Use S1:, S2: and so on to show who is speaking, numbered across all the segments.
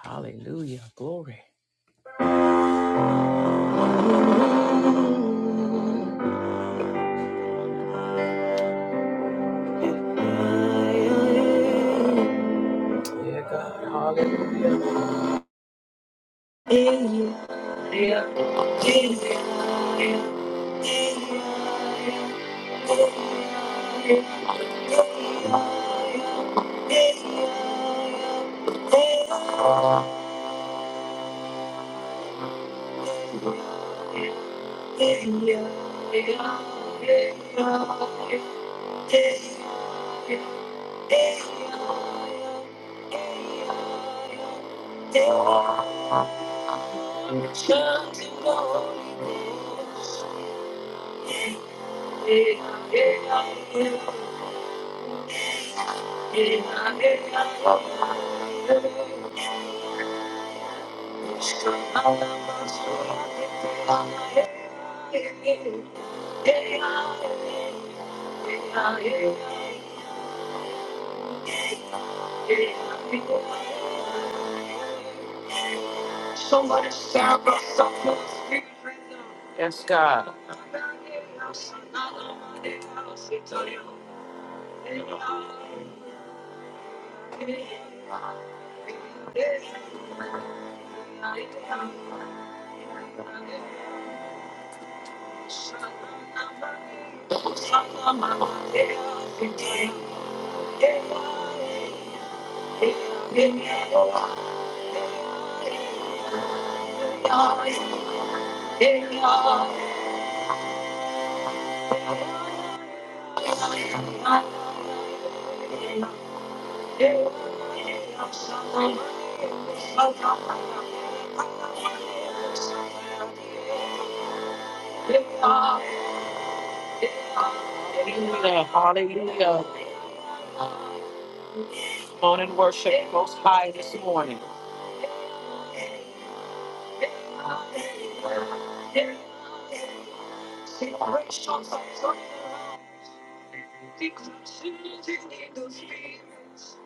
S1: Hallelujah. Glory. Yeah, God. Hallelujah. Somebody shout the song. Yes, God. Hallelujah. Hallelujah. Come on and worship Most High this morning. Generations of prayer, declaration in the fields.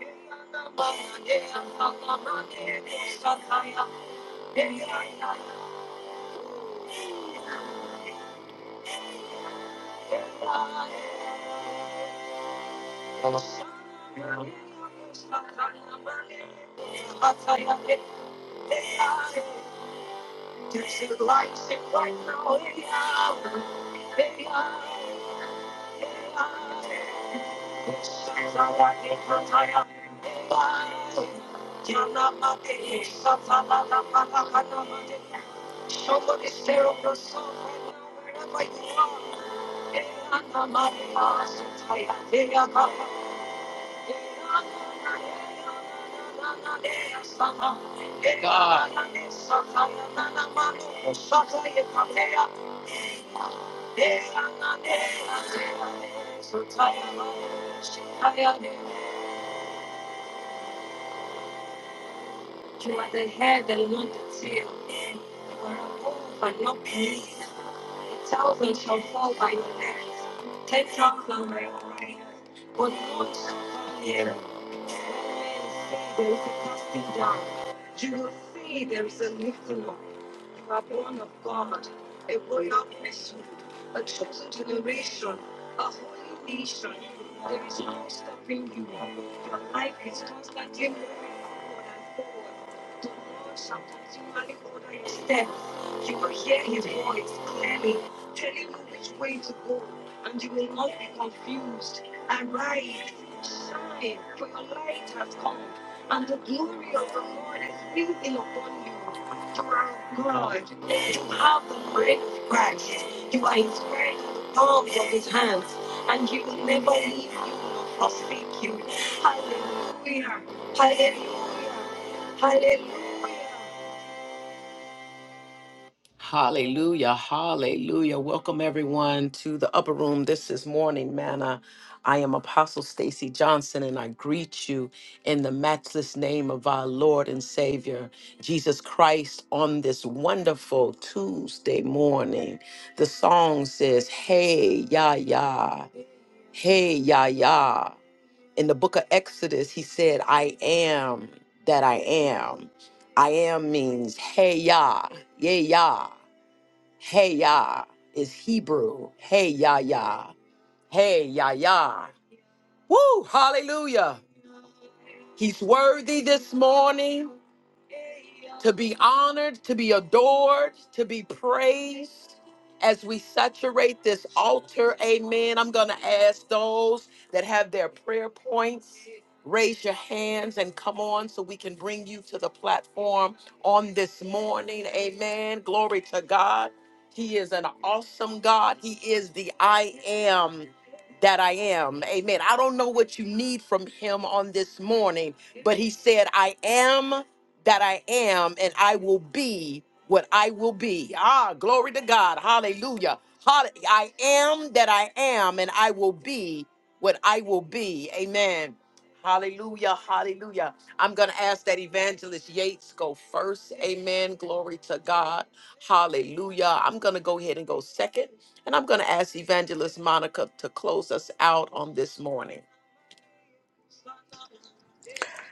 S1: This is life sit right now. Yeah. Yeah. Yeah. Somebody stay on your soul right now, wherever you are. God. You What they had, they want to feel. For a fool, but no pain. Thousands shall fall by your hands. Take off the railway. What there's a casting down. You will see there's a lifting up. You are born of God, a royal nation, a chosen generation, a holy nation. There is no stopping you. Your life is constantly moving forward and forward. The Lord shall continually order your steps. You will hear His voice clearly, telling you which way to go, and you will not be confused. Arise, shine, for your light has come, and the glory of the Lord is risen upon you. For our God, you have the mind of Christ. You are His friend in the palms of His hands, and He will never leave you nor forsake you. Hallelujah! Hallelujah! Hallelujah! Hallelujah, hallelujah. Welcome everyone to the upper room. This is Morning Manna. I am Apostle Stacy Johnson and I greet you in the matchless name of our Lord and Savior Jesus Christ on this wonderful Tuesday morning. The song says, "Hey, ya ya. Hey, ya ya." In the book of Exodus, he said, "I am that I am." I am means hey ya, yeah ya. Hey Yah is Hebrew. Hey Yah Yah. Hey Yah Yah. Woo! Hallelujah. He's worthy this morning to be honored, to be adored, to be praised. As we saturate this altar, amen, I'm going to ask those that have their prayer points, raise your hands and come on so we can bring you to the platform on this morning, amen. Glory to God. He is an awesome God. He is the I am that I am, amen. I don't know what you need from Him on this morning, but He said, I am that I am and I will be what I will be. Ah, glory to God. Hallelujah. Hall- I am that I am and I will be what I will be. Amen. Hallelujah. Hallelujah. I'm going to ask that Evangelist Yates go first. Amen. Glory to God. Hallelujah. I'm going to go ahead and go second. And I'm going to ask Evangelist Monica to close us out on this morning.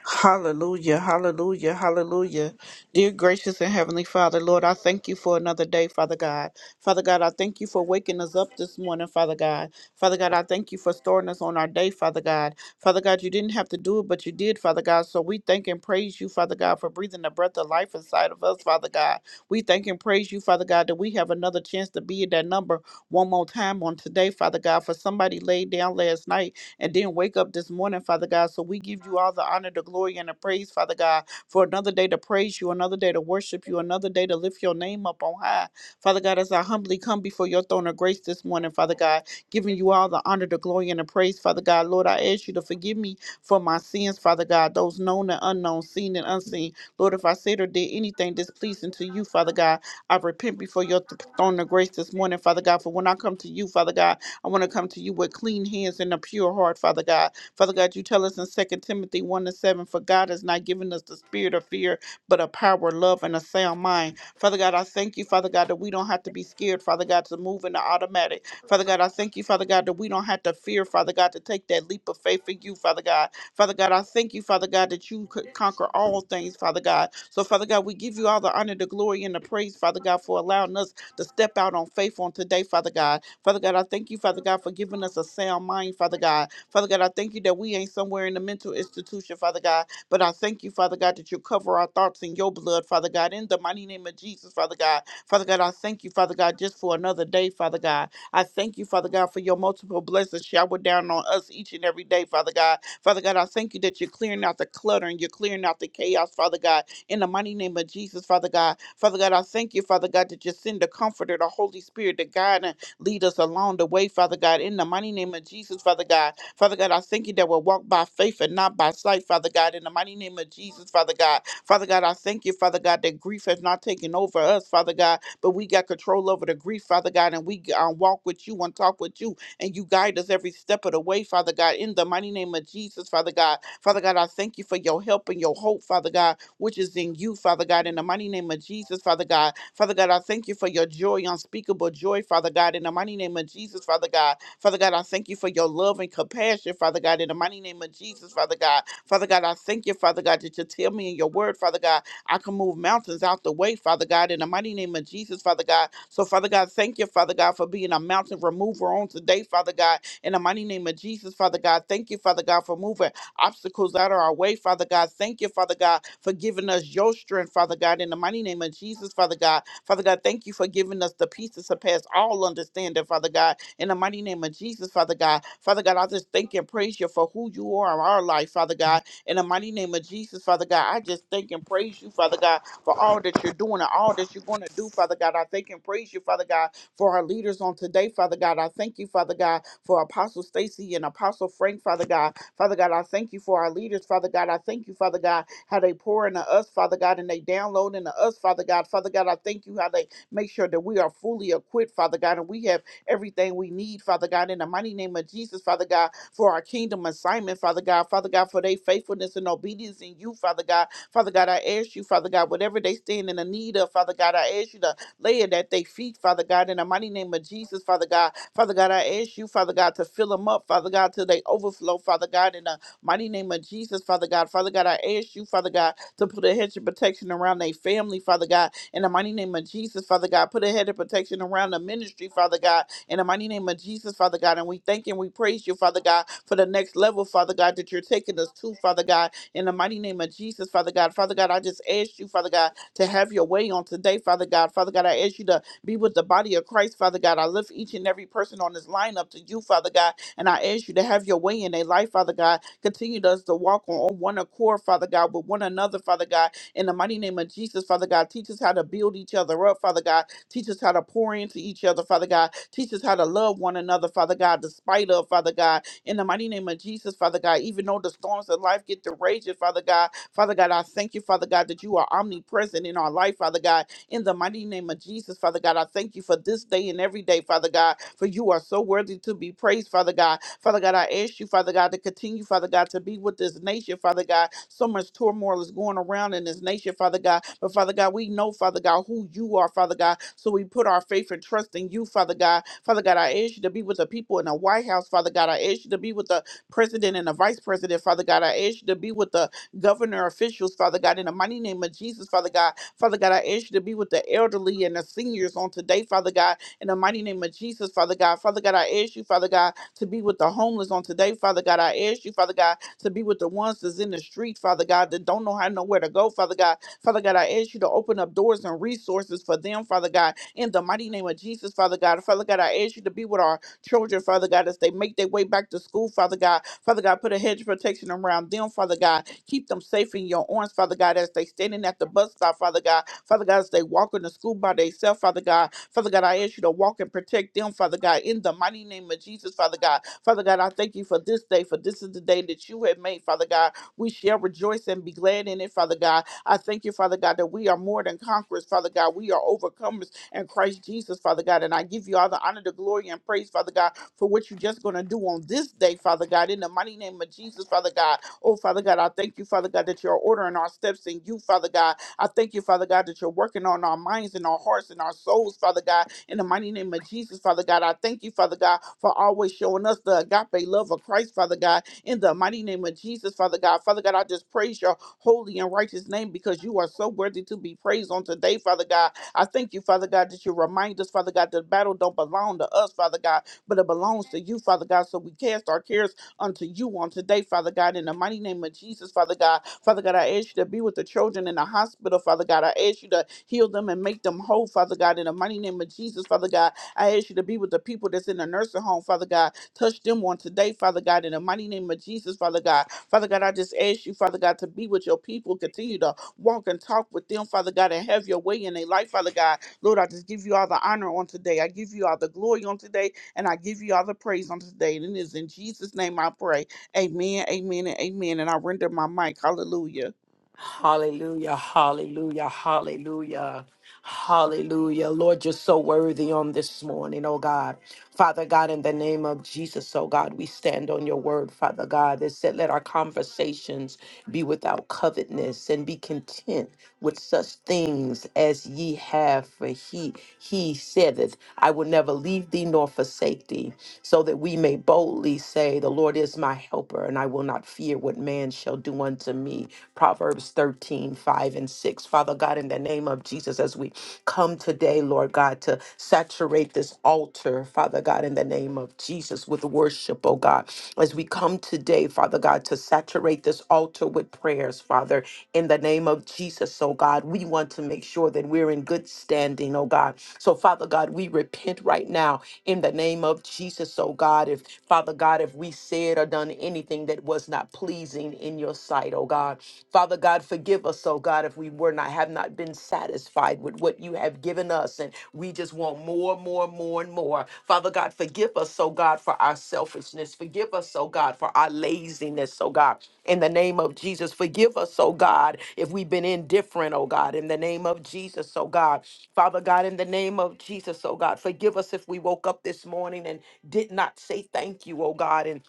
S2: Hallelujah, hallelujah, hallelujah. Dear gracious and heavenly Father, Lord, I thank you for another day, Father God. Father God, I thank you for waking us up this morning, Father God. Father God, I thank you for starting us on our day, Father God. Father God, you didn't have to do it, but you did, Father God. So we thank and praise you, Father God, for breathing the breath of life inside of us, Father God. We thank and praise you, Father God, that we have another chance to be in that number one more time on today, Father God. For somebody laid down last night and didn't wake up this morning, Father God. So we give you all the honor, the glory, and the praise, Father God, for another day to praise you, another day to worship you, another day to lift your name up on high. Father God, as I humbly come before your throne of grace this morning, Father God, giving you all the honor, the glory, and the praise, Father God. Lord, I ask you to forgive me for my sins, Father God, those known and unknown, seen and unseen. Lord, if I said or did anything displeasing to you, Father God, I repent before your th- throne of grace this morning, Father God. For when I come to you, Father God, I want to come to you with clean hands and a pure heart, Father God. Father God, you tell us in Second Timothy 1 and 7, for God has not given us the spirit of fear, but a power, love, and a sound mind. Father God, I thank you, Father God, that we don't have to be scared, Father God, to move in the automatic. Father God, I thank you, Father God, that we don't have to fear, Father God, to take that leap of faith in you, Father God. Father God, I thank you, Father God, that you could conquer all things, Father God. So, Father God, we give you all the honor, the glory, and the praise, Father God, for allowing us to step out on faith on today, Father God. Father God, I thank you, Father God, for giving us a sound mind, Father God. Father God, I thank you that we ain't somewhere in the mental institution, Father God, but I thank you, Father God, that you cover our thoughts in your blood, Father God, in the mighty name of Jesus, Father God. Father God, I thank you, Father God, just for another day, Father God. I thank you, Father God, for your multiple blessings showered down on us each and every day, Father God. Father God, I thank you that you're clearing out the clutter and you're clearing out the chaos, Father God, in the mighty name of Jesus, Father God. Father God, I thank you, Father God, that you send the comforter, the Holy Spirit, to guide and lead us along the way, Father God, in the mighty name of Jesus, Father God. Father God, I thank you that we'll walk by faith and not by sight, Father God, in the mighty name of Jesus, Father God. Father God, I thank you, Father God, that grief has not taken over us, Father God, but we got control over the grief, Father God, and we uh, walk with you and talk with you and you guide us every step of the way, Father God, in the mighty name of Jesus, Father God. Father God, I thank you for your help and your hope, Father God which is in you, Father God, in the mighty name of Jesus, Father God. Father God, I thank you for your joy, unspeakable joy, Father God, in the mighty name of Jesus, Father God. Father God, I thank you for your love and compassion, Father God, in the mighty name of Jesus, Father God. Father God, I thank you, Father God, that you tell me in your word, Father God, I can move mountains out the way, Father God, in the mighty name of Jesus, Father God. So, Father God, thank you, Father God, for being a mountain remover on today, Father God, in the mighty name of Jesus, Father God. Thank you, Father God, for moving obstacles out of our way, Father God. Thank you, Father God, for giving us your strength, Father God, in the mighty name of Jesus, Father God. Father God, thank you for giving us the peace that surpass all understanding, Father God, in the mighty name of Jesus, Father God. Father God, I just thank and praise you for who you are in our life, Father God, in the mighty name of Jesus, Father God. I just thank and praise you, Father God, for all that you're doing and all that you're going to do, Father God. I thank and praise you, Father God, for our leaders on today, Father God. I thank you, Father God, for Apostle Stacy and Apostle Frank, Father God. Father God, I thank you for our leaders, Father God. I thank you, Father God, how they pour into us, Father God, and they download into us, Father God. Father God, I thank you how they make sure that we are fully equipped, Father God, and we have everything we need, Father God, in the mighty name of Jesus, Father God, for our kingdom assignment, Father God, Father God, for their faithfulness and obedience in you, Father God. Father God, I ask you, Father God, whatever they stand in the need of, Father God, I ask you to Lay it at their feet, Father God, in the mighty name of Jesus, Father God. Father God, I ask you, Father God, to fill them up, Father God, till they overflow, Father God, in the mighty name of Jesus, Father God. Father God, I ask you, Father God, to put a hedge of protection around their family, Father God, in the mighty name of Jesus, Father God. Put a hedge of protection around the ministry, Father God, in the mighty name of Jesus, Father God. And we thank and we praise you, Father God, for the next level, Father God, that you're taking us to, Father God, in the mighty name of Jesus, Father God. Father God, I just ask you, Father God, to have your way on today, Father God. Father God, I ask you to be with the body of Christ, Father God. I lift each and every person on this line up to you, Father God, and I ask you to have your way in their life, Father God. Continue us to walk on, on one accord, Father God, with one another, Father God. In the mighty name of Jesus, Father God, teach us how to build each other up, Father God. Teach us how to pour into each other, Father God. Teach us how to love one another, Father God, despite of, Father God. In the mighty name of Jesus, Father God, even though the storms of life get to raging, Father God, Father God, I thank you, Father God, that you are omnipresent in our life, Father God. In the mighty name of Jesus, Father God, I thank you for this day and every day, Father God, for you are so worthy to be praised, Father God. Father God, I ask you, Father God, to continue, Father God, to be with this nation, Father God. So much turmoil is going around in this nation, Father God. But Father God, we know, Father God, who you are, Father God. So we put our faith and trust in you, Father God. Father God, I ask you to be with the people in the White House, Father God. I ask you to be with the president and the vice president, Father God. I ask you to be with the governor officials, Father God, in the mighty name of Jesus, Father God. Father God, I ask you to be with the elderly and the seniors on today, Father God, in the mighty name of Jesus, Father God. Father God, I ask you, Father God, to be with the homeless on today, Father God. I ask you, Father God, to be with the ones that's in the street, Father God, that don't know how nowhere to go, Father God. Father God, I ask you to open up doors and resources for them, Father God, in the mighty name of Jesus, Father God. Father God, I ask you to be with our children, Father God, as they make their way back to school, Father God. Father God, put a hedge of protection around them, Father God. Keep them safe in your arms, Father God, as they standing at the bus stop, Father God. Father God, as they walk in the school by themselves, Father God. Father God, I ask you to walk and protect them, Father God, in the mighty name of Jesus, Father God. Father God, I thank you for this day, for this is the day that you have made, Father God. We shall rejoice and be glad in it, Father God. I thank you, Father God, that we are more than conquerors, Father God. We are overcomers, and Christ Jesus, Father God. And I give you all the honor, the glory, and praise, Father God, for what you're just going to do on this day, Father God, in the mighty name of Jesus, Father God. Oh, Father God, I thank you, Father God, that you're ordering our steps in you, Father God. I thank you, Father God, that you're working on our minds and our hearts and our souls, Father God, in the mighty name of Jesus, Father God. I thank you, Father God, for always showing us the agape love of Christ, Father God, in the mighty name of Jesus, Father God. Father God, I just praise your holy and righteous name because you are so worthy to be praised on today, Father God. I thank you, Father God, that you remind us, Father God, that the battle don't belong to us, Father God, but it belongs to you, Father God. So we cast our cares unto you on today, Father God, in the mighty name of Jesus, Father God. Father God, I ask you to be with the children in the hospital, Father God. I ask you to heal them and make them whole, Father God, in the mighty name of Jesus, Father God. I ask you to be with the people that's in the nursing home, Father God. Touch them on today, Father God, in the mighty name of Jesus, Father God. Father God, I just ask you, Father God, to be with your people. Continue to walk and talk with them, Father God, and have your way in their life, Father God. Lord, I just give you all the honor on today. I give you all the glory on today, and I give you all the praise on today. And it is in Jesus' name I pray. Amen, amen, and amen. And I render my mic. Hallelujah.
S1: Hallelujah, hallelujah, hallelujah, hallelujah. Lord, you're so worthy on this morning, oh God. Father God, in the name of Jesus, oh God, we stand on your word, Father God, that said, let our conversations be without covetousness and be content with such things as ye have, for he, he said it, I will never leave thee nor forsake thee so that we may boldly say, The Lord is my helper, and I will not fear what man shall do unto me. Proverbs thirteen five and 6. Father God, in the name of Jesus, as we come today, Lord God, to saturate this altar, Father God, in the name of Jesus, with worship, oh God. As we come today, Father God, to saturate this altar with prayers, Father, in the name of Jesus, oh God. We want to make sure that we're in good standing, oh God. So, Father God, we repent right now in the name of Jesus, oh God. If, Father God, if we said or done anything that was not pleasing in your sight, oh God. Father God, forgive us, oh God, if we were not, have not been satisfied with what you have given us and we just want more, more, more, and more. Father God, forgive us, oh God, for our selfishness. Forgive us, oh God, for our laziness, oh God. In the name of Jesus, forgive us, oh God, if we've been indifferent, oh God. In the name of Jesus, oh God. Father God, in the name of Jesus, oh God, forgive us if we woke up this morning and did not say thank you, oh God. and.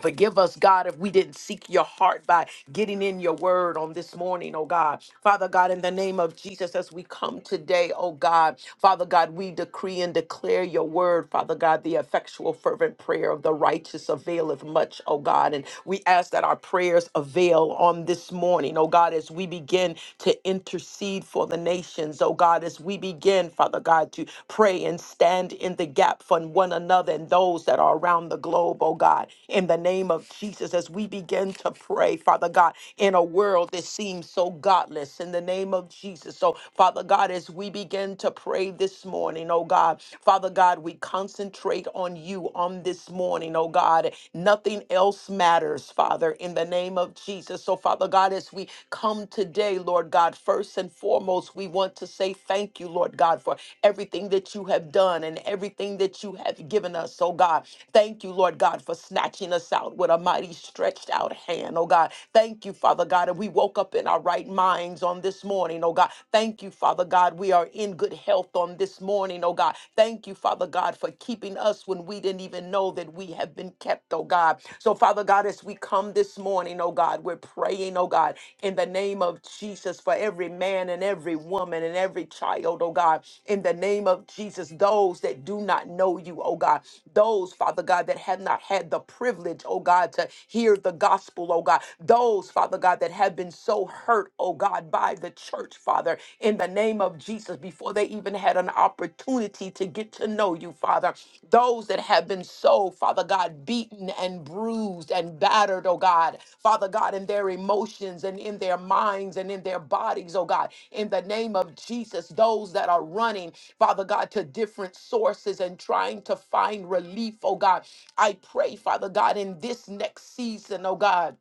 S1: Forgive us, God, if we didn't seek your heart by getting in your word on this morning, oh God. Father God, in the name of Jesus, as we come today, oh God, Father God, we decree and declare your word, Father God, the effectual, fervent prayer of the righteous availeth much, oh God. And we ask that our prayers avail on this morning, oh God, as we begin to intercede for the nations, oh God, as we begin, Father God, to to pray and stand in the gap for one another and those that are around the globe, oh God. In the name of Jesus, as we begin to pray, Father God, in a world that seems so godless, in the name of Jesus. So, Father God, as we begin to pray this morning, oh God, Father God, we concentrate on you on this morning, oh God. Nothing else matters, Father, in the name of Jesus. So, Father God, as we as we come today, Lord God, first and foremost, we want to say thank you, Lord God, for everything that you have done and everything that you have given us, oh God. Thank you, Lord God, for snatching us out with a mighty stretched out hand, oh God. Thank you, Father God, and we woke up in our right minds on this morning, oh God. Thank you, Father God, we are in good health on this morning, oh God. Thank you, Father God, for keeping us when we didn't even know know that we have been kept, oh God. So, Father God, as we come this morning, oh God, we're praying, oh God, in the name of Jesus for every man and every woman and every child, oh God, in the name of Jesus, those that do not know you, oh God, those, Father God, that have not had the privilege, oh God, to hear the gospel, oh God, those, Father God, that have been so hurt, oh God, by the church, Father, in the name of of Jesus before they even had an opportunity to get to know you, Father. Those that have been so, Father God, beaten and bruised and battered, oh God, Father God, in their emotions and in their minds and in their bodies, oh God, in the name of Jesus, those that are running, Father God, to different sources and trying to find relief, oh God. I pray, Father God, in this next season, oh God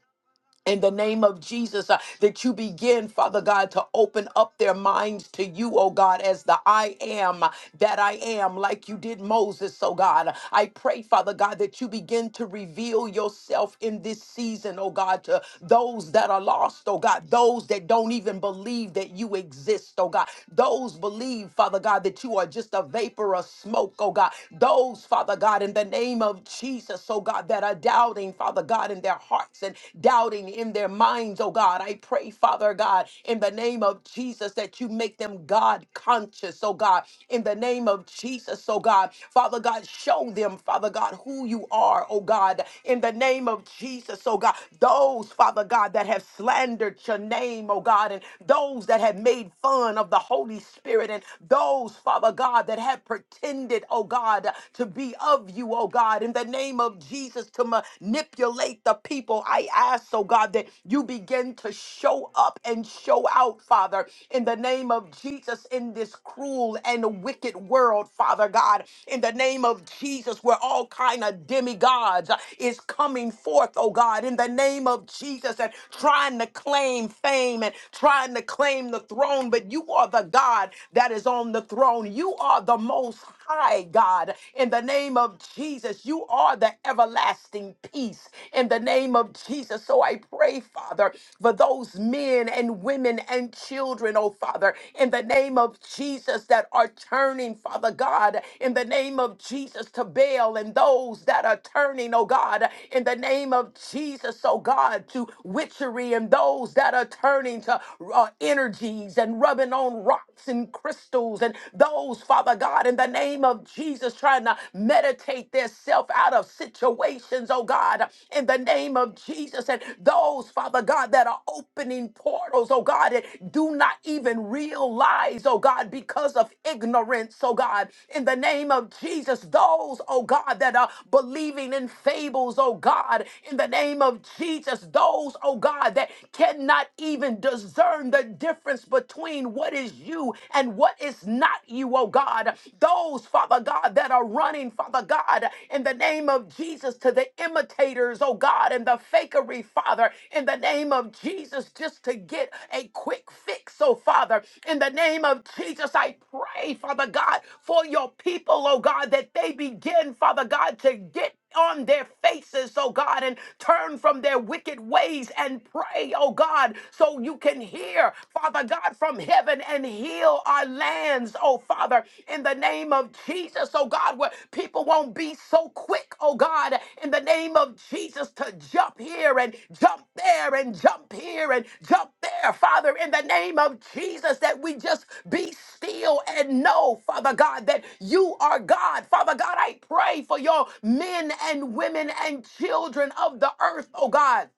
S1: in the name of Jesus, uh, that you begin, Father God, to open up their minds to you, oh God, as the I am that I am, like you did Moses, oh God. I pray, Father God, that you begin to reveal yourself in this season, oh God, to those that are lost, oh God, those that don't even believe that you exist, oh God, those believe, Father God, that you are just a vapor of smoke, oh God, those, Father God, in the name of Jesus, oh God, that are doubting, doubting, Father God, in their hearts and doubting in their minds, oh God. I pray, Father God, in the name of Jesus, that you make them God conscious, oh God, in the name of Jesus, oh God. Father God, show them, Father God, who you are, oh God, in the name of Jesus, oh God. Those, Father God, that have slandered your name, oh God, and those that have made fun of the Holy Spirit, and those, Father God, that have pretended, oh God, to be of you, oh God. God, in the name of Jesus, to manipulate the people. I ask, oh God, that you begin to show up and show out, Father, in the name of Jesus, in this cruel and wicked world, Father God, in the name of Jesus, where all kind of demigods uh, is coming forth, oh God, in the name of Jesus, and trying to claim fame and trying to claim the throne, but you are the God that is on the throne. You are the most high God. In the name of Jesus, you are the everlasting peace. In the name of Jesus. So I pray, Father, for those men and women and children, oh Father, in the name of Jesus that are turning, Father God, in the name of Jesus to Baal and those that are turning, oh God, in the name of Jesus, oh God, to witchery and those that are turning to uh, energies and rubbing on rocks and crystals apostles and those, Father God, in the name of Jesus, trying to meditate their self out of situations, oh God, in the name of Jesus, and those, Father God, that are opening portals, oh God, and do not even realize, oh God, because of ignorance, oh God, in the name of Jesus, those, oh God, that are believing in fables, oh God, in the name of Jesus, those, oh God, that cannot even discern the difference between what is you and what is not you, oh God. Those, Father God, that are running, Father God, in the name of Jesus to the imitators, oh God, and the fakery, Father, in the name of Jesus, just to get a quick fix, oh Father, in the name of Jesus, I pray, Father God, for your people, oh God, that they begin, Father God, to get on their faces, oh God, and turn from their wicked ways and pray, oh God, God, so you can hear, Father God, from heaven and heal our lands, oh Father, in the name of Jesus, oh God, where people won't be so quick, oh God, in the name of Jesus, to jump here and jump there and jump here and jump there, Father, in the name of Jesus, that we just be still and know, Father God, that you are God. Father God, I pray for your men and women and children of the earth, oh God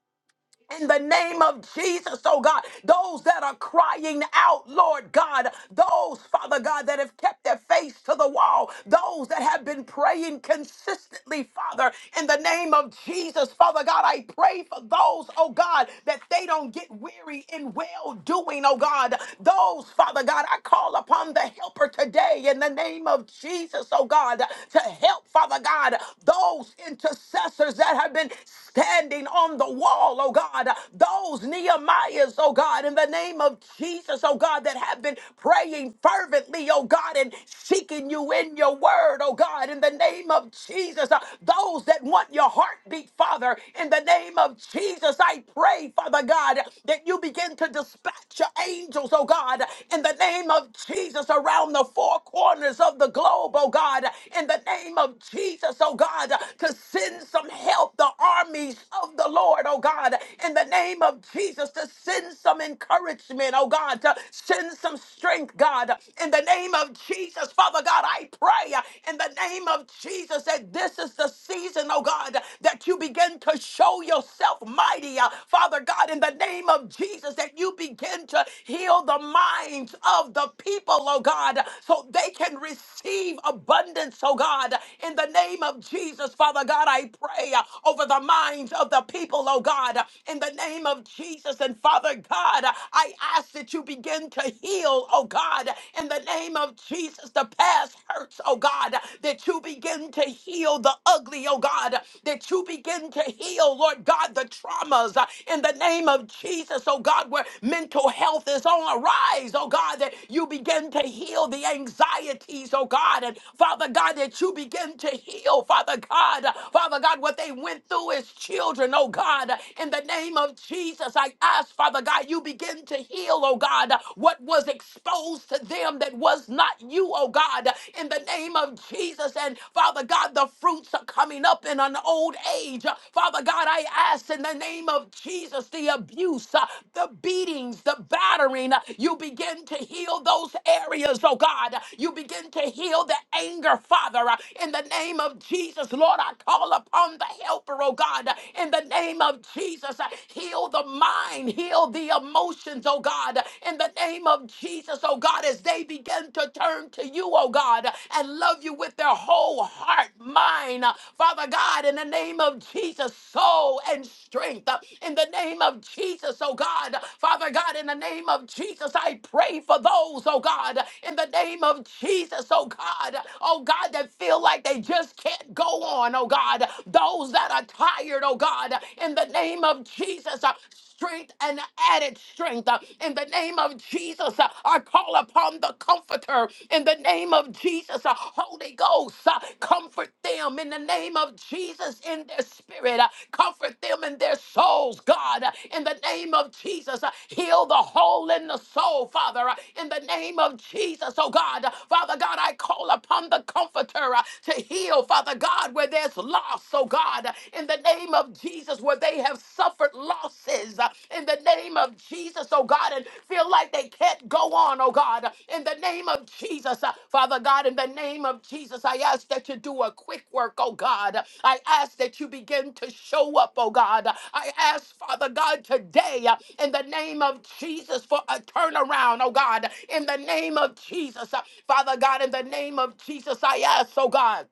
S1: in the name of Jesus, oh God, those that are crying out, Lord God, those, Father God, that have kept their face to the wall, those that have been praying consistently, Father, in the name of Jesus, Father God, I pray for those, oh God, that they don't get weary in well doing, oh God, those, Father God, I call upon the helper today in the name of Jesus, oh God, to help, Father God, those intercessors that have been standing on the wall wall, oh God. Those Nehemiahs, oh God, in the name of Jesus, oh God, that have been praying fervently, oh God, and seeking you in your word, oh God, in the name of Jesus. Uh, Those that want your heartbeat, Father, in the name of Jesus, I pray, Father God, that you begin to dispatch your angels, oh God, in the name of Jesus, around the four corners of the globe, oh God, in the name of Jesus, oh God, to send some help, the armies of of the Lord, oh God, in the name of Jesus, to send some encouragement, oh God, to send some strength, God, in the name of Jesus. Father God, I pray uh, in the name of Jesus that this is the season, oh God, that you begin to show yourself mighty, uh, Father God, in the name of Jesus, that you begin to heal the minds of the people, oh God, so they can receive abundance, oh God, in the name of Jesus, Father God, I pray uh, over the minds minds of the people, oh God, in the name of Jesus. And Father God, I ask that you begin to heal, oh God, in the name of Jesus, the past hurts, oh God, that you begin to heal the ugly, oh God, that you begin to heal, Lord God, the traumas uh, in the name of Jesus, oh God, where mental health is on a rise, oh God, that you begin to heal the anxieties, oh God, and Father God, that you begin to heal, Father God, uh, Father God, what they they went through as children, oh God. In the name of Jesus, I ask, Father God, you begin to heal, oh God, what was exposed to them that was not you, oh God. In the name of Jesus, and Father God, the fruits are coming up in an old age. Father God, I ask in the name of Jesus, the abuse, uh, the beatings, the battering, uh, you begin to heal those areas, oh God. You begin to heal the anger, Father. Uh, In the name of Jesus, Lord, I call upon upon the helper, oh God, in the name of Jesus. Heal the mind, heal the emotions, oh God, in the name of Jesus, oh God, as they begin to turn to you, oh God, and love you with their whole heart, mind, Father God, in the name of Jesus, soul and strength, in the name of Jesus, oh God, Father God, in the name of Jesus, I pray for those, oh God, in the name of Jesus, oh God, oh God, that feel like they just can't go on, on, oh God, those that are tired, oh God, in the name of Jesus. uh, Strength and added strength uh, in the name of Jesus. uh, I call upon the Comforter in the name of Jesus. uh, Holy Ghost, uh, comfort them in the name of Jesus in their spirit. uh, Comfort them in their souls, God, uh, in the name of Jesus. uh, Heal the hole in the soul, Father, uh, in the name of Jesus, oh God. Uh, Father God, I call upon the Comforter uh, to heal, Father. Father God, where there's loss, oh God, in the name of Jesus, where they have suffered losses, uh, in the name of Jesus, oh God, and feel like they can't go on, oh God, in the name of Jesus, uh, Father God, in the name of Jesus, I ask that you do a quick work, oh God. I ask that you begin to show up, oh God. I ask, Father God, today, uh, in the name of Jesus, for a turnaround, oh God, in the name of Jesus, uh, Father God, in the name of Jesus, I ask, oh God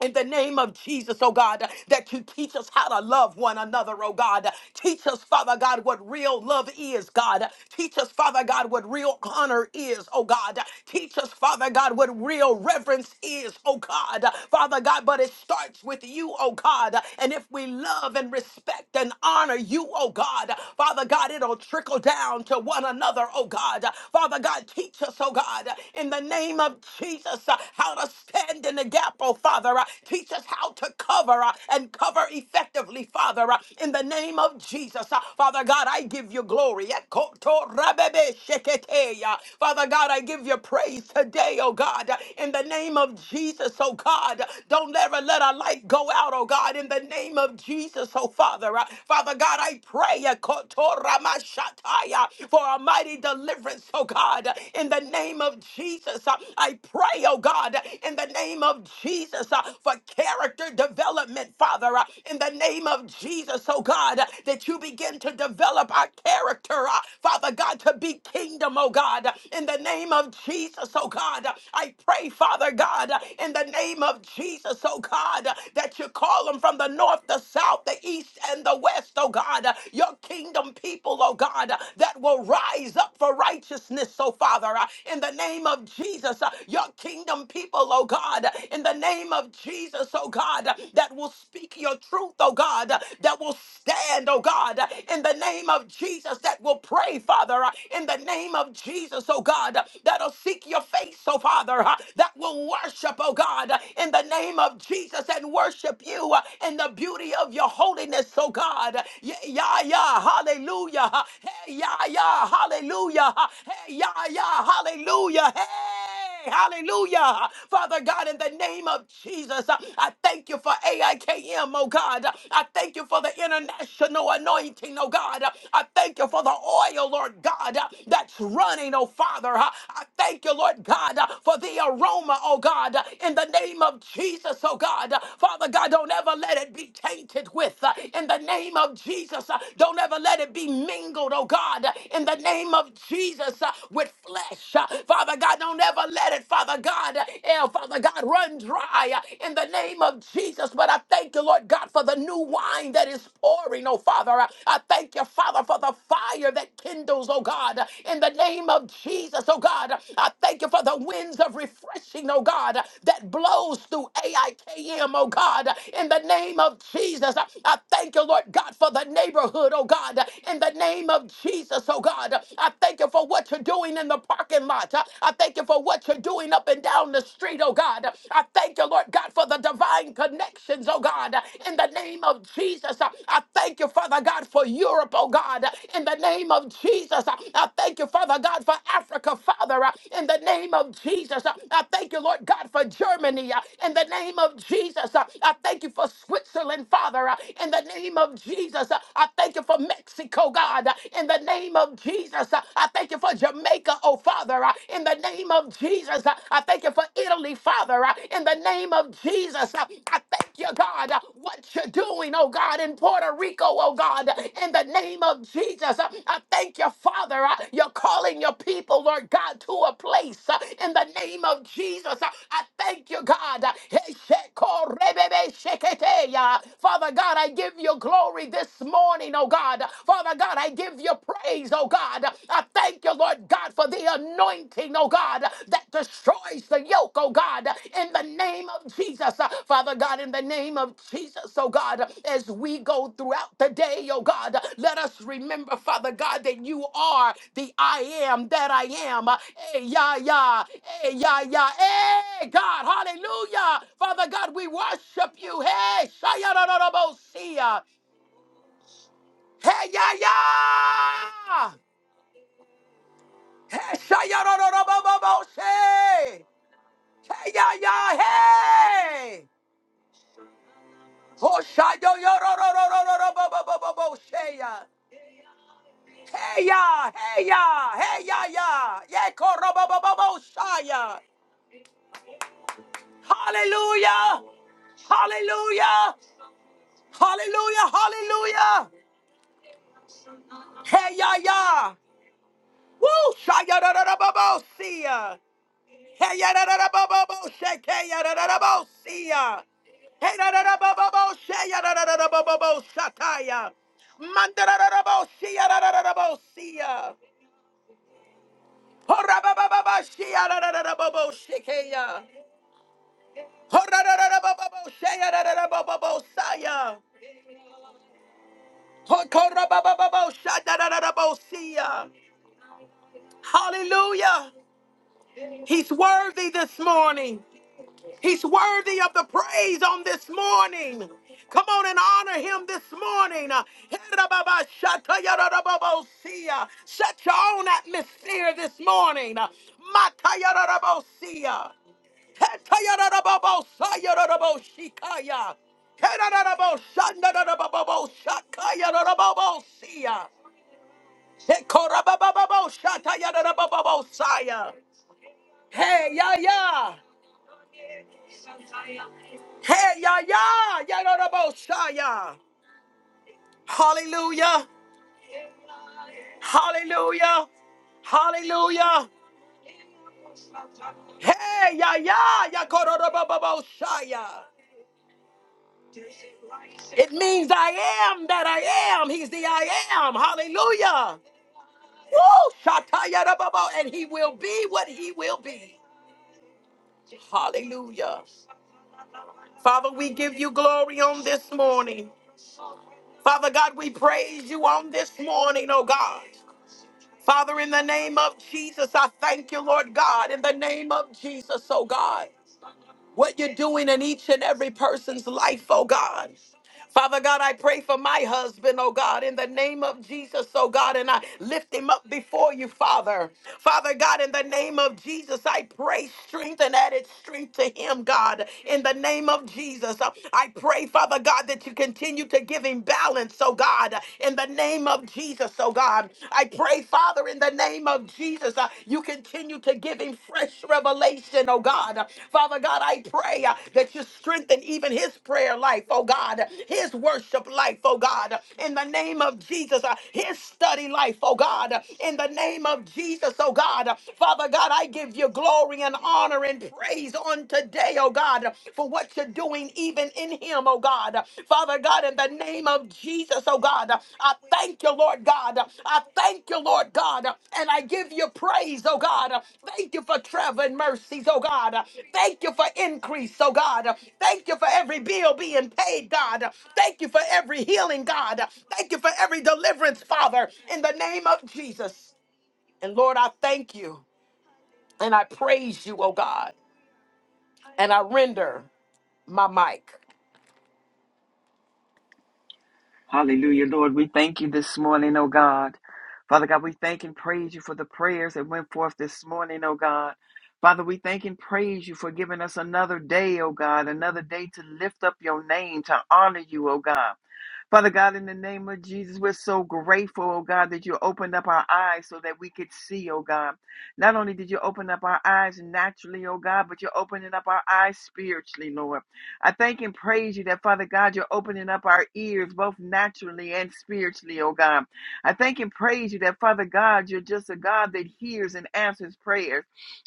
S1: in the name of Jesus, oh God, that you teach us how to love one another, oh God. Teach us, Father God, what real love is, God. Teach us, Father God, what real honor is, oh God. Teach us, Father God, what real reverence is, oh God. Father God, but it starts with you, oh God. And if we love and respect and honor you, oh God, Father God, it'll trickle down to one another, oh God. Father God, teach us, oh God, in the name of Jesus, how to stand stand in the gap, oh Father. Uh, Teach us how to cover uh, and cover effectively, Father, uh, in the name of Jesus. Uh, Father God, I give you glory. Ekoto rabebe sheketeya. Father God, I give you praise today, oh God, Uh, in the name of Jesus, oh God. Don't ever let our light go out, oh God, in the name of Jesus, oh Father. Uh, Father God, I pray ekoto ramashataya, for a mighty deliverance, oh God, in the name of Jesus. Uh, I pray, oh oh God, in the name of Jesus, uh, for character development, Father, uh, in the name of Jesus, oh God, uh, that you begin to develop our character, uh, Father God, to be kingdom, oh God, uh, in the name of Jesus, oh God, uh, I pray, Father God, uh, in the name of Jesus, oh God, uh, that you call them from the north, the south, the east, and the west, oh God, uh, your kingdom people, oh God, uh, that will rise up for righteousness, oh Father, uh, in the name of Jesus, uh, your kingdom people, oh God, in the name of Jesus, oh God, that will speak your truth, oh God, that will stand, oh God, in the name of Jesus, that will pray, Father, uh, in the name of Jesus, oh God, that'll seek your face, oh Father, uh, that will worship, oh God, in the name of Jesus, and worship you uh, in the beauty of your holiness, oh God. Yeah, yeah, yeah, hallelujah. Hey, yeah, yeah, hallelujah. Hey, yeah, yeah, Hallelujah. Hey, hallelujah. Father God, in the name of Jesus, uh, I thank you for AIKM, oh God. I thank you for the international anointing, oh God. I thank you for the oil, Lord God, uh, that's running, oh Father. Uh, I thank you, Lord God, uh, for the aroma, oh God, uh, in the name of Jesus, oh God. Uh, Father God, don't ever let it be tainted with. uh, In the name of Jesus, uh, don't ever let it be mingled, oh God. uh, In the name of Jesus. Jesus uh, with flesh. Uh, Father God, don't ever let it, Father God, uh, eh, Father God, run dry uh, in the name of Jesus. But I thank you, Lord God, for the new wine that is pouring, oh Father. Uh, I thank you, Father, for the fire that kindles, oh God, uh, in the name of Jesus, oh God. Uh, I thank you for the winds of refreshing, oh God, uh, that blows through AIKM, oh God, uh, in the name of Jesus. I I thank you, Lord God, for the neighborhood, oh God, uh, in the name of Jesus, oh, oh God. I thank you for what you're doing in the parking lot. I I thank you for what you're doing up and down the street, oh God. I thank you, Lord God, for the divine connections, oh God. In the name of Jesus, I I thank you, Father God, for Europe, oh God. In the name of Jesus, I I thank you, Father God, for Africa, Father. uh, In the name of Jesus, Uh, I thank you, Lord God, for Germany. uh, In the name of Jesus, Uh, I thank you for Switzerland, Father. uh, In the name of Jesus, Uh, I thank you for Mexico, God, uh, in the name of Jesus. Uh, I thank you for Jamaica, oh Father, uh, in the name of Jesus. Uh, I thank you for Italy, Father, uh, in the name of Jesus. Uh, I thank you, God, uh, what you're doing, oh God, in Puerto Rico, oh God, in the name of Jesus. Uh, I thank you, Father, uh, you're calling your people, Lord God, to a place uh, in the name of Jesus. Uh, I thank you, God. Uh, Father God, I give you glory this morning morning, oh God. Father God, I give you praise, oh God. I thank you, Lord God, for the anointing, oh God, that destroys the yoke, oh God, in the name of Jesus. Uh, Father God, in the name of Jesus, oh God, as we go throughout the day, oh God, let us remember, Father God, that you are the I am that I am. Uh, Hey, yeah, yeah. Hey, yeah, yeah. Hey, God, hallelujah. Father God, we worship you. Hey, Shaya Hey ya ya! Hey shaya ro ro ro bo bo bo say! Hey ya ya hey! Oh shayo yo yo, ro ro ro ro ro ro bo bo bo bo bo say ya! Hey ya, hey ya, hey ya ya, yeah, ko, ro, bo, bo, bo, bo, Shaya. Hallelujah, hallelujah, hallelujah, hallelujah. Hey ya ya, woo, Shaya ro ro da ba ba see ya. Hey, yadadadabobo, shake, hey, yadadadabo, see ya. Hey, dadadadabobo, shake, yadadadadabobo, shataya. Mandadadadabo, see ya, dadadadabo, see ya. Horabababa, she, yadadadadabobo, shake, hey, ya. Horadadadabobo, shake, yadadadabobo, saya. Hokorabababo, shadadadadabo, see ya. Hallelujah. He's worthy this morning. He's worthy of the praise on this morning. Come on and honor him this morning. Set your own atmosphere this morning. Korabababo, shata yadadabababo, saya. Hey, ya, ya. Hey, ya, ya. Yadadabo, saya. Hallelujah. Hallelujah. Hallelujah. Hey, ya, ya. Yakorodabababo, saya. It means I am that I am. He's the I am. Hallelujah. Woo! Shatayarababa. And he will be what he will be. Hallelujah. Father, we give you glory on this morning. Father God, we praise you on this morning, oh God. Father, in the name of Jesus, I thank you, Lord God. In the name of Jesus, oh God. What you're doing in each and every person's life, oh God. Father God, I pray for my husband, oh God, in the name of Jesus, oh God, and I lift him up before you, Father. Father God, in the name of Jesus, I pray strength and added strength to him, God, in the name of Jesus. I pray, Father God, that you continue to give him balance, oh God, in the name of Jesus, oh God. I pray, Father, in the name of Jesus. Jesus, uh, you continue to give him fresh revelation, oh God. Uh, Father God, I pray uh, that you strengthen even his prayer life, oh God, uh, his worship life, oh God, uh, in the name of Jesus, uh, his study life, oh God, uh, in the name of Jesus, oh God. Uh, Father God, I give you glory and honor and praise on today, oh God, uh, for what you're doing even in him, oh God. Father God, in the name of Jesus, oh God, I thank you, Lord God. I thank you, Lord God, and I give you praise, oh God. Thank you for traveling mercies, oh God. Thank you for increase, oh God. Thank you for every bill being paid, God. Thank you for every healing, God. Thank you for every deliverance, Father, in the name of Jesus. And Lord, I thank you and I praise you, oh God, and I render my mic.
S3: Hallelujah, Lord. We thank you this morning, oh God. Father God, we thank and praise you for the prayers that went forth this morning, oh God. Father, we thank and praise you for giving us another day, oh God, another day to lift up your name, to honor you, oh God. Father God, in the name of Jesus, we're so grateful, oh God, that you opened up our eyes so that we could see, oh God. Not only did you open up our eyes naturally, oh God, but you're opening up our eyes spiritually, Lord. I thank and praise you that, Father God, you're opening up our ears both naturally and spiritually, oh God. I thank and praise you that, Father God, you're just a God that hears and answers prayers.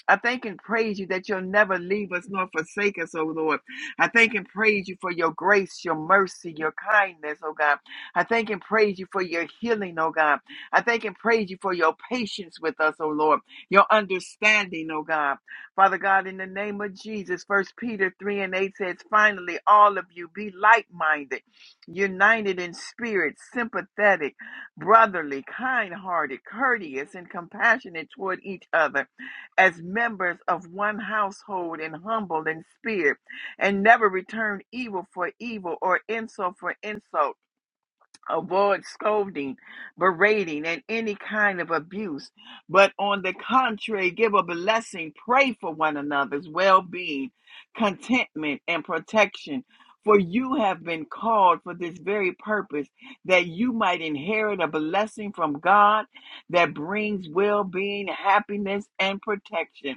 S3: I thank and praise you that you'll never leave us nor forsake us, oh Lord. I thank and praise you for your grace, your mercy, your kindness, oh God. I thank and praise you for your healing, oh God. I thank and praise you for your patience with us, oh Lord, your understanding, oh God. Father God, in the name of Jesus, First Peter 3 and 8 says, finally, all of you be like minded, united in spirit, sympathetic, brotherly, kind hearted, courteous, and compassionate toward each other as members of one household and humble in spirit and never return evil for evil or insult for insult avoid scolding, berating, and any kind of abuse, but on the contrary, give a blessing, pray for one another's well being, contentment, and protection. For you have been called for this very purpose, that you might inherit a blessing from God that brings well being, happiness, and protection.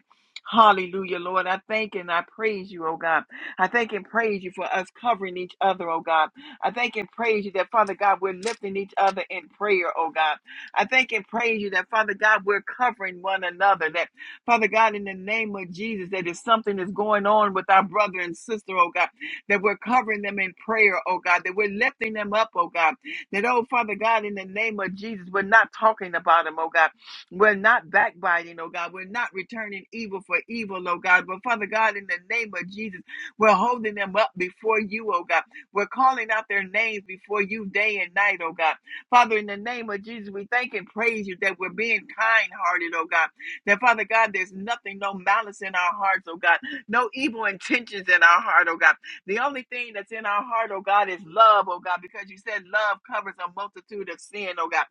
S3: Hallelujah, Lord. I thank and I praise you, oh God. I thank and praise you for us covering each other, oh God. I thank and praise you that, Father God, we're lifting each other in prayer, oh God. I thank and praise you that, Father God, we're covering one another. That, Father God, in the name of Jesus, that if something is going on with our brother and sister, oh God, that we're covering them in prayer, oh God, that we're lifting them up, oh God. That, oh Father God, in the name of Jesus, we're not talking about them, oh God. We're not backbiting, oh God. We're not returning evil for evil, oh God. But Father God, in the name of Jesus, we're holding them up before you, oh God. We're calling out their names before you day and night, oh God. Father, in the name of Jesus, we thank and praise you that we're being kind hearted, oh God. That, Father God, there's nothing, no malice in our hearts, oh God. No evil intentions in our heart, oh God. The only thing that's in our heart, oh God, is love, oh God, because you said love covers a multitude of sin, oh God.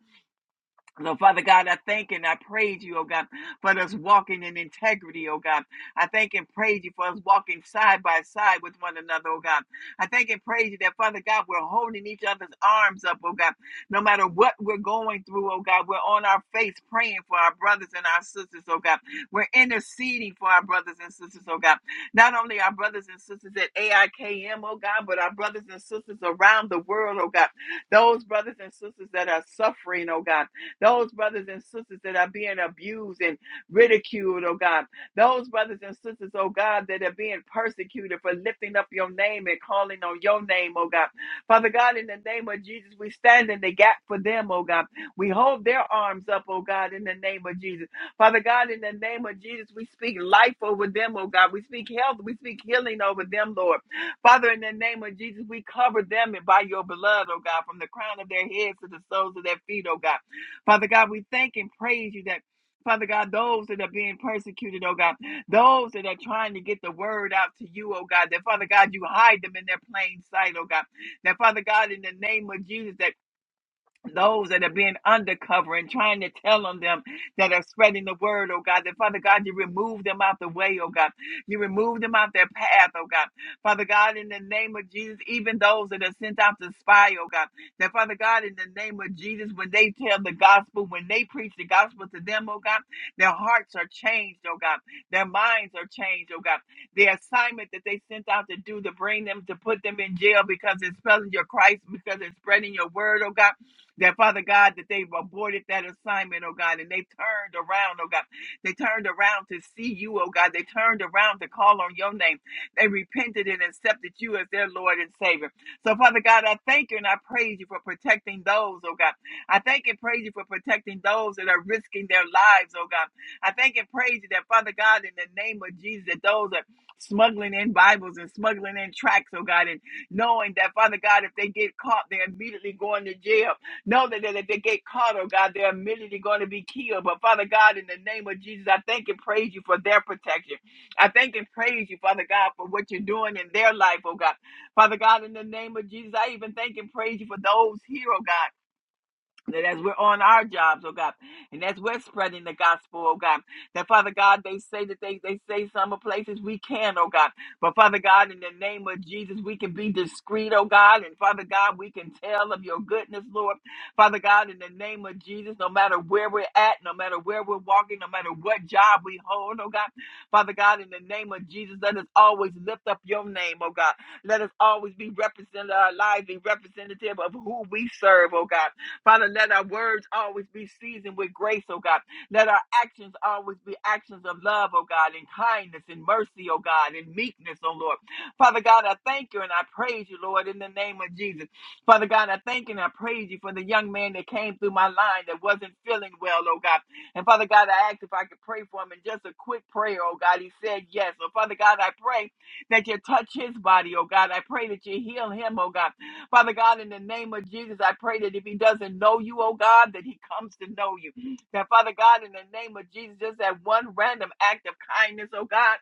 S3: So, Father God, I thank and I praise you, oh God, for us walking in integrity, oh God. I thank and praise you for us walking side by side with one another, oh God. I thank and praise you that, Father God, we're holding each other's arms up, oh God. No matter what we're going through, oh God, we're on our face praying for our brothers and our sisters, oh God. We're interceding for our brothers and sisters, oh God. Not only our brothers and sisters at AIKM, oh God, but our brothers and sisters around the world, oh God. Those brothers and sisters that are suffering, oh God those brothers and sisters that are being abused and ridiculed, oh God. Those brothers and sisters, oh God, that are being persecuted for lifting up your name and calling on your name, oh God. Father God, in the name of Jesus, we stand in the gap for them, oh God. We hold their arms up, oh God, in the name of Jesus. Father God, in the name of Jesus, we speak life over them, oh God. We speak health, we speak healing over them, Lord. Father, in the name of Jesus, we cover them by your blood, oh God, from the crown of their heads to the soles of their feet, oh God. Father God, we thank and praise you that. Father God, those that are being persecuted, oh God, those that are trying to get the word out to you, oh God, that Father God, you hide them in their plain sight, oh God. That Father God, in the name of Jesus, that those that are being undercover and trying to tell on them that are spreading the word, oh God, that Father God, you remove them out the way, oh God. You remove them out their path, oh God. Father God, in the name of Jesus, even those that are sent out to spy, oh God, that Father God, in the name of Jesus, when they tell the gospel, when they preach the gospel to them, oh God, their hearts are changed, oh God. Their minds are changed, oh God. The assignment that they sent out to do to bring them, to put them in jail because it's spelling your Christ, because it's spreading your word, oh God. That Father God, that they've aborted that assignment, oh God, and they turned around, oh God. They turned around to see you, oh God. They turned around to call on your name. They repented and accepted you as their Lord and Savior. So, Father God, I thank you and I praise you for protecting those, oh God. I thank and praise you for protecting those that are risking their lives, oh God. I thank and praise you that, Father God, in the name of Jesus, that those that smuggling in Bibles and smuggling in tracts, oh God, and knowing that, Father God, if they get caught, they're immediately going to jail know that if they get caught, oh God, they're immediately going to be killed. But Father God, in the name of Jesus, I thank and praise you for their protection. I thank and praise you, Father God, for what you're doing in their life, oh God. Father God, in the name of Jesus, I even thank and praise you for those here, oh God that as we're on our jobs, oh God, and as we're spreading the gospel, oh God, that Father God, they say that they, they say some places we can, oh God, but Father God, in the name of Jesus, we can be discreet, oh God, and Father God, we can tell of your goodness, Lord. Father God, in the name of Jesus, no matter where we're at, no matter where we're walking, no matter what job we hold, oh God, Father God, in the name of Jesus, let us always lift up your name, oh God. Let us always be represented, our lives be representative of who we serve, oh God. Father, let our words always be seasoned with grace, oh God. Let our actions always be actions of love, oh God, and kindness and mercy, oh God, and meekness, oh Lord. Father God, I thank you and I praise you, Lord, in the name of Jesus. Father God, I thank you and I praise you for the young man that came through my line that wasn't feeling well, oh God. And Father God, I asked if I could pray for him and just a quick prayer, oh God. He said yes. So Father God, I pray that you touch his body, oh God. I pray that you heal him, oh God. Father God, in the name of Jesus, I pray that if he doesn't know you, oh God, that he comes to know you. Now, Father God, in the name of Jesus, just that one random act of kindness, oh God.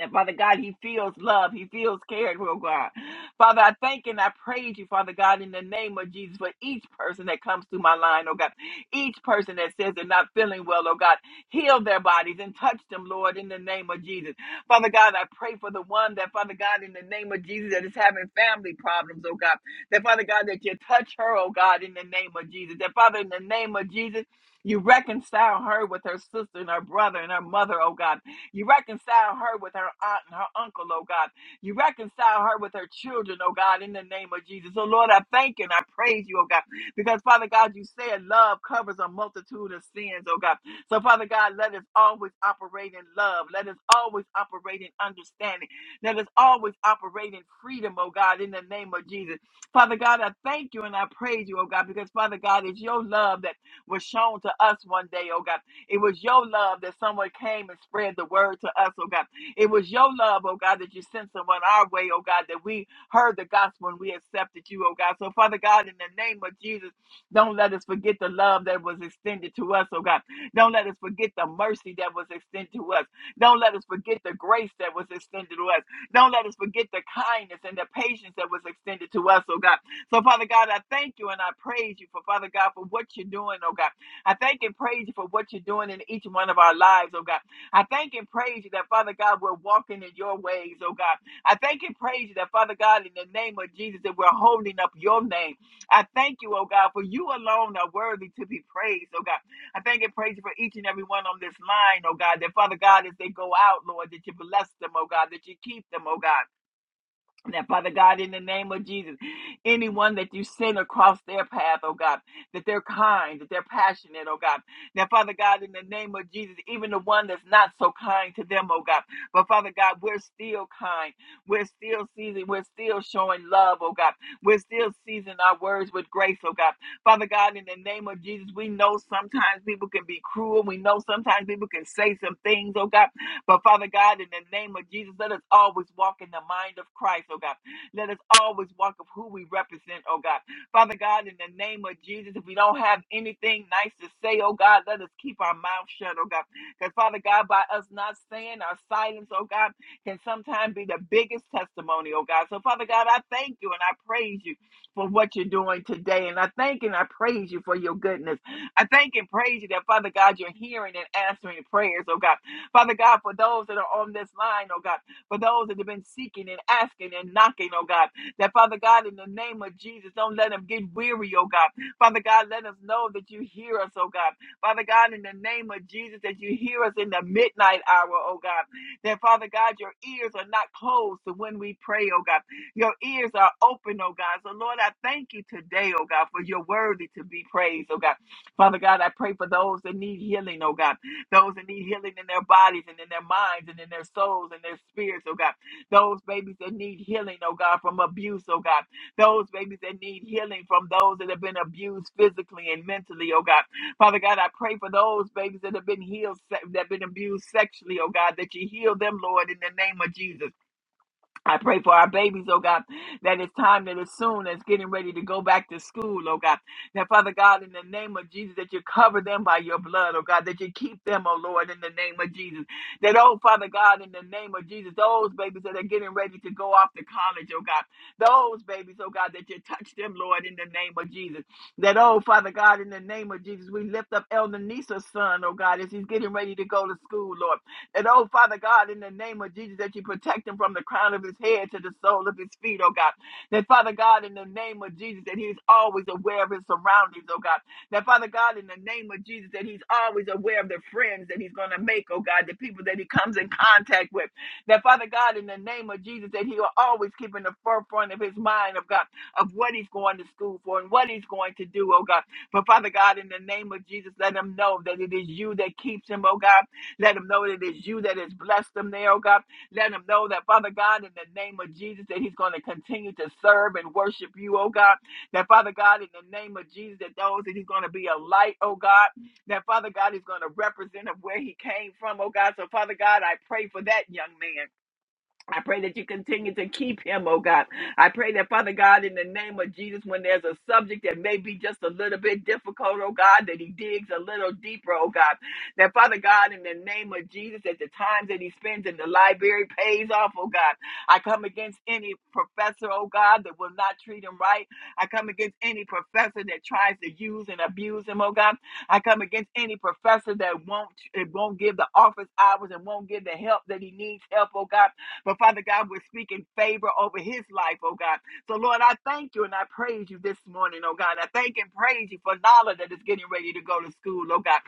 S3: And Father God, he feels love. He feels cared, oh God. Father, I thank and I praise you, Father God, in the name of Jesus for each person that comes through my line, oh God. Each person that says they're not feeling well, oh God. Heal their bodies and touch them, Lord, in the name of Jesus. Father God, I pray for the one that, Father God, in the name of Jesus, that is having family problems, oh God. That, Father God, that you touch her, oh God, in the name of Jesus. That, Father, in the name of Jesus, you reconcile her with her sister and her brother and her mother, oh God. You reconcile her with her aunt and her uncle, oh God. You reconcile her with her children, oh God, in the name of Jesus. So, Lord, I thank you and I praise you, oh God, because, Father God, you said love covers a multitude of sins, oh God. So, Father God, let us always operate in love. Let us always operate in understanding. Let us always operate in freedom, oh God, in the name of Jesus. Father God, I thank you and I praise you, oh God, because, Father God, it's your love that was shown to us one day, oh God. It was your love that someone came and spread the word to us, oh God. It was your love, oh God, that you sent someone our way, oh God, that we heard the gospel and we accepted you, oh God. So, Father God, in the name of Jesus, don't let us forget the love that was extended to us, oh God. Don't let us forget the mercy that was extended to us. Don't let us forget the grace that was extended to us. Don't let us forget the kindness and the patience that was extended to us, oh God. So, Father God, I thank you and I praise you for, Father God, for what you're doing, oh God. I thank and praise you for what you're doing in each one of our lives, oh God. I thank and praise you that, Father God, we're walking in your ways, oh God. I thank and praise you that, Father God, in the name of Jesus, that we're holding up your name. I thank you, oh God, for you alone are worthy to be praised, oh God. I thank and praise you for each and every one on this line, oh God, that, Father God, as they go out, Lord, that you bless them, oh God, that you keep them, oh God. That Father God, in the name of Jesus, anyone that you send across their path, oh God, that they're kind, that they're passionate, oh God. Now, Father God, in the name of Jesus, even the one that's not so kind to them, oh God. But Father God, we're still kind. We're still seizing. We're still showing love, oh God. We're still seizing our words with grace, oh God. Father God, in the name of Jesus, we know sometimes people can be cruel. We know sometimes people can say some things, oh God. But Father God, in the name of Jesus, let us always walk in the mind of Christ, oh God. Let us always walk of who we represent, oh God. Father God, in the name of Jesus, if we don't have anything nice to say, oh God, let us keep our mouth shut, oh God. Because Father God, by us not saying our silence, oh God, can sometimes be the biggest testimony, oh God. So Father God, I thank you and I praise you for what you're doing today. And I thank and I praise you for your goodness. I thank and praise you that Father God, you're hearing and answering prayers, oh God. Father God, for those that are on this line, oh God, for those that have been seeking and asking and knocking, oh God, that Father God, in the name of Jesus, don't let them get weary, oh God. Father God, let us know that you hear us, oh God. Father God, in the name of Jesus, that you hear us in the midnight hour, oh God. That Father God, your ears are not closed to when we pray, oh God. Your ears are open, oh God. So Lord, I thank you today, oh God, for you're worthy to be praised, oh God. Father God, I pray for those that need healing, oh God those that need healing in their bodies and in their minds and in their souls and their spirits, oh God. Those babies that need healing, oh God, from abuse, oh God. Those babies that need healing from those that have been abused physically and mentally, oh God. Father God, I pray for those babies that have been healed, se- that have been abused sexually, oh God, that you heal them, Lord, in the name of Jesus. I pray for our babies, oh God, that it's time that as soon as getting ready to go back to school, oh God, that Father God, in the name of Jesus, that you cover them by your blood, oh God, that you keep them, oh Lord, in the name of Jesus. That, oh Father God, in the name of Jesus, those babies that are getting ready to go off to college, oh God, those babies, oh God, that you touch them, Lord, in the name of Jesus. That, oh Father God, in the name of Jesus, we lift up Elder Nisa's son, oh God, as he's getting ready to go to school, Lord. And oh, Father God, in the name of Jesus, that you protect him from the crown of his head to the sole of his feet, oh God. That, Father God, in the name of Jesus, that he's always aware of his surroundings, oh God. That, Father God, in the name of Jesus, that he's always aware of the friends that he's going to make, oh God, the people that he comes in contact with. That, Father God, in the name of Jesus, that he will always keep in the forefront of his mind, of God, of what he's going to school for and what he's going to do, oh God. But, Father God, in the name of Jesus, let him know that it is you that keeps him, oh God let them know that it is you that has blessed them there, oh God. Let them know that, Father God, in the name of Jesus, that he's going to continue to serve and worship you, oh God. That, Father God, in the name of Jesus, that those that he's going to be a light, oh God. That, Father God, is going to represent of where he came from, oh God. So, Father God, I pray for that young man. I pray that you continue to keep him, oh God. I pray that, Father God, in the name of Jesus, when there's a subject that may be just a little bit difficult, oh God, that he digs a little deeper, oh God. That, Father God, in the name of Jesus, at the times that he spends in the library pays off, oh God. I come against any professor, oh God, that will not treat him right. I come against any professor that tries to use and abuse him, oh God. I come against any professor that won't, it won't give the office hours and won't give the help that he needs help, oh God. But Father God, we're speaking favor over his life, oh God. So Lord, I thank you and I praise you this morning, oh God. I thank and praise you for Nala that is getting ready to go to school, oh God.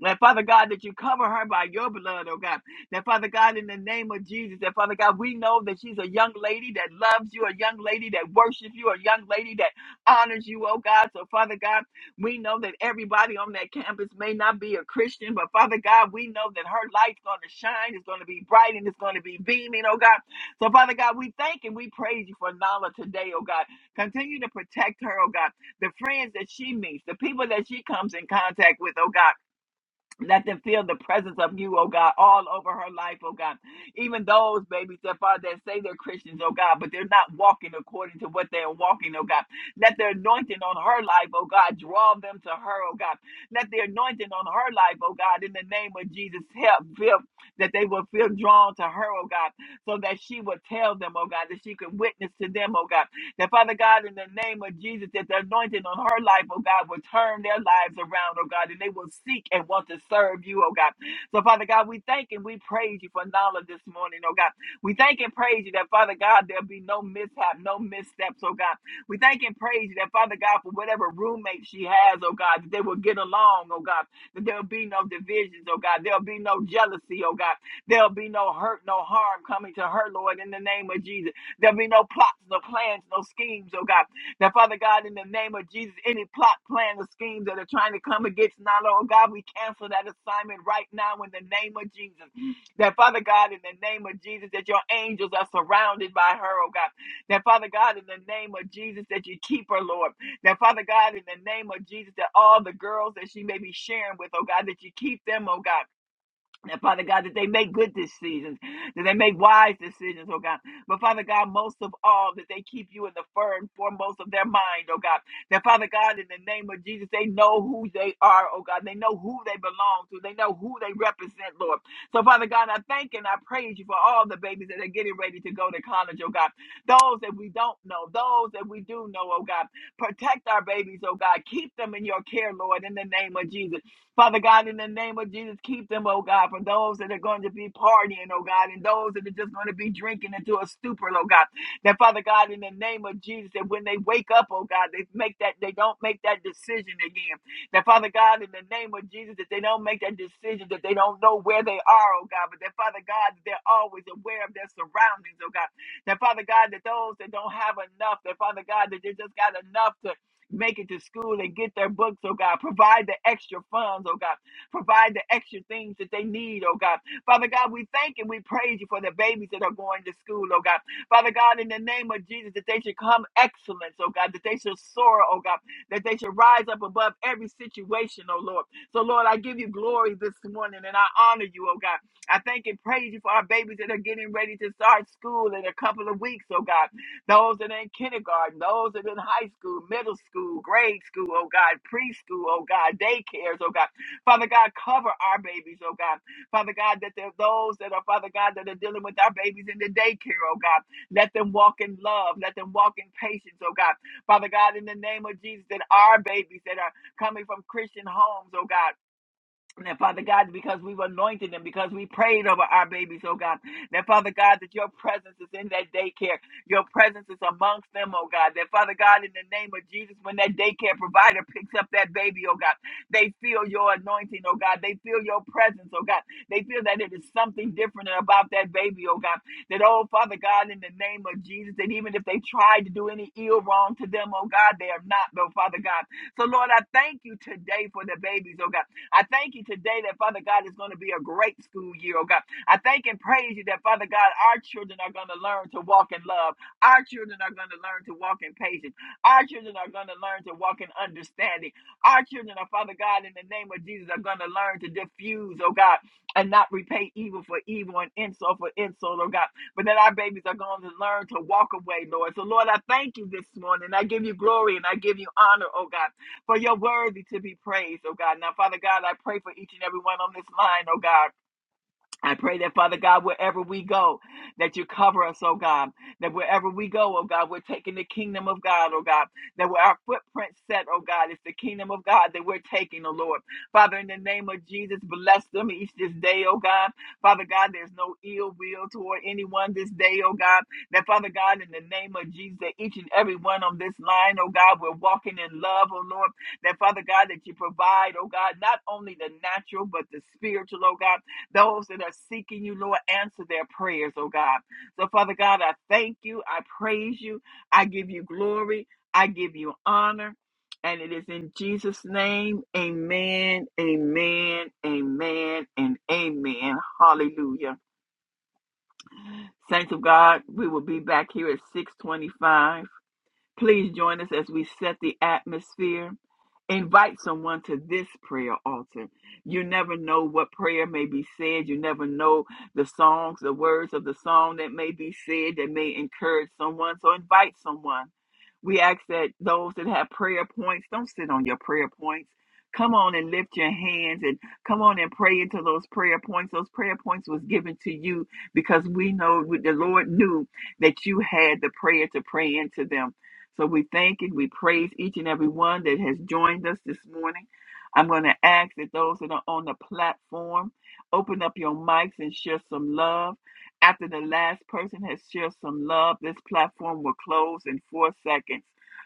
S3: That Father God, that you cover her by your blood, oh God. That Father God, in the name of Jesus, that Father God, we know that she's a young lady that loves you, a young lady that worships you, a young lady that honors you, oh God. So Father God, we know that everybody on that campus may not be a Christian, but Father God, we know that her light's going to shine, it's going to be bright, and it's going to be beaming, oh God. So, Father God, we thank and we praise you for Nala today, oh God. Continue to protect her, oh God. The friends that she meets, the people that she comes in contact with, oh God. Let them feel the presence of you, oh God, all over her life, oh God. Even those babies that Father that say they're Christians, oh God, but they're not walking according to what they are walking, oh God. Let the anointing on her life, oh God, draw them to her, oh God. Let the anointing on her life, oh God, in the name of Jesus, help feel that they will feel drawn to her, oh God, so that she will tell them, oh God, that she could witness to them, oh God. That Father God, in the name of Jesus, that the anointing on her life, oh God, will turn their lives around, oh God, and they will seek and want to serve you, oh God. So, Father God, we thank and we praise you for knowledge this morning, oh God. We thank and praise you that, Father God, there'll be no mishap, no missteps, oh God. We thank and praise you that, Father God, for whatever roommate she has, oh God, that they will get along, oh God, that there'll be no divisions, oh God. There'll be no jealousy, oh God. There'll be no hurt, no harm coming to her, Lord, in the name of Jesus. There'll be no plots, no plans, no schemes, oh God. Now, Father God, in the name of Jesus, any plot, plan, or schemes that are trying to come against Nala, oh God, we cancel that assignment right now in the name of Jesus. That, Father God, in the name of Jesus, that your angels are surrounded by her, oh God. That, Father God, in the name of Jesus, that you keep her, Lord. That, Father God, in the name of Jesus, that all the girls that she may be sharing with, oh God, that you keep them, oh God. And Father God, that they make good decisions, that they make wise decisions, oh God. But Father God, most of all, that they keep you in the firm foremost of their mind, oh God. That Father God, in the name of Jesus, they know who they are, oh God. They know who they belong to. They know who they represent, Lord. So Father God, I thank and I praise you for all the babies that are getting ready to go to college, oh God. Those that we don't know, those that we do know, oh God. Protect our babies, oh God. Keep them in your care, Lord, in the name of Jesus. Father God, in the name of Jesus, keep them, oh God, from those that are going to be partying, oh God, and those that are just going to be drinking into a stupor, oh God. That Father God, in the name of Jesus, that when they wake up, oh God, they make that they don't make that decision again. That Father God, in the name of Jesus, that they don't make that decision, that they don't know where they are, oh God, but that Father God, that they're always aware of their surroundings, oh God. That Father God, that those that don't have enough, that Father God, that they just got enough to make it to school and get their books, oh God. Provide the extra funds, oh God. Provide the extra things that they need, oh God. Father God, we thank and we praise you for the babies that are going to school, oh God. Father God, in the name of Jesus, that they should come excellence, oh God, that they should soar, oh God, that they should rise up above every situation, oh Lord. So, Lord, I give you glory this morning and I honor you, oh God. I thank and praise you for our babies that are getting ready to start school in a couple of weeks, oh God those that are in kindergarten, those that are in high school, middle school, grade school, oh God, preschool, oh God, daycares, oh God. Father God, cover our babies, oh God. Father God, that there are those that are, Father God, that are dealing with our babies in the daycare, oh God. Let them walk in love. Let them walk in patience, oh God. Father God, in the name of Jesus, that our babies that are coming from Christian homes, oh God. That Father God, because we've anointed them, because we prayed over our babies, oh God. That Father God, that your presence is in that daycare. Your presence is amongst them, oh God. That Father God, in the name of Jesus, when that daycare provider picks up that baby, oh God, they feel your anointing, oh God. They feel your presence, oh God. They feel that it is something different about that baby, oh God. That, oh Father God, in the name of Jesus, that even if they tried to do any ill wrong to them, oh God, they are not, oh Father God. So, Lord, I thank you today for the babies, oh God. I thank you today that, Father God, it's going to be a great school year, oh God. I thank and praise you that, Father God, our children are going to learn to walk in love. Our children are going to learn to walk in patience. Our children are going to learn to walk in understanding. Our children are, Father God, in the name of Jesus, are going to learn to diffuse, oh God, and not repay evil for evil and insult for insult, oh God. But that our babies are going to learn to walk away, Lord. So, Lord, I thank you this morning. I give you glory and I give you honor, oh God for you're worthy to be praised, oh God. Now, Father God, I pray for each and every one on this line, oh God. I pray that, Father God, wherever we go, that you cover us, oh God. That wherever we go, oh God, we're taking the kingdom of God, oh God. That where our footprint set, oh God, it's the kingdom of God that we're taking, oh Lord. Father, in the name of Jesus, bless them each this day, oh God. Father God, there's no ill will toward anyone this day, oh God. That, Father God, in the name of Jesus, that each and every one on this line, oh God, we're walking in love, oh Lord. That, Father God, that you provide, oh God, not only the natural, but the spiritual, oh God. Those that are seeking you, Lord, answer their prayers, oh God. So, Father God, I thank you. I praise you. I give you glory. I give you honor. And it is in Jesus' name. Amen, amen, amen, and amen. Hallelujah. Saints of God, we will be back here at 625. Please join us as we set the atmosphere. Invite someone to this prayer altar. You never know what prayer may be said. You never know the songs, the words of the song that may be said that may encourage someone. So invite someone. We ask that those that have prayer points, don't sit on your prayer points. Come on and lift your hands and come on and pray into those prayer points. Those prayer points was given to you because we know the Lord knew that you had the prayer to pray into them. So we thank and we praise each and every one that has joined us this morning. I'm going to ask that those that are on the platform open up your mics and share some love. After the last person has shared some love, this platform will close in four seconds.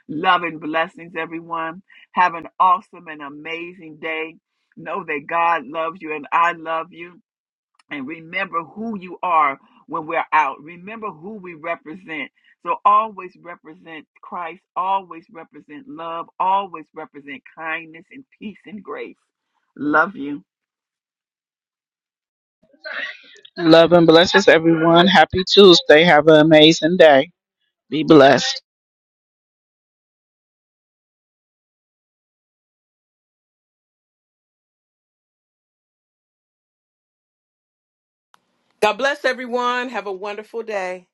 S3: Love and blessings, everyone. Have an awesome and amazing day. Know that God loves you and I love you and remember who you are when we're out. Remember who we represent. So always represent Christ, always represent love, always represent kindness and peace and grace. Love you.
S2: Sunday.
S1: God bless everyone. Have a wonderful day.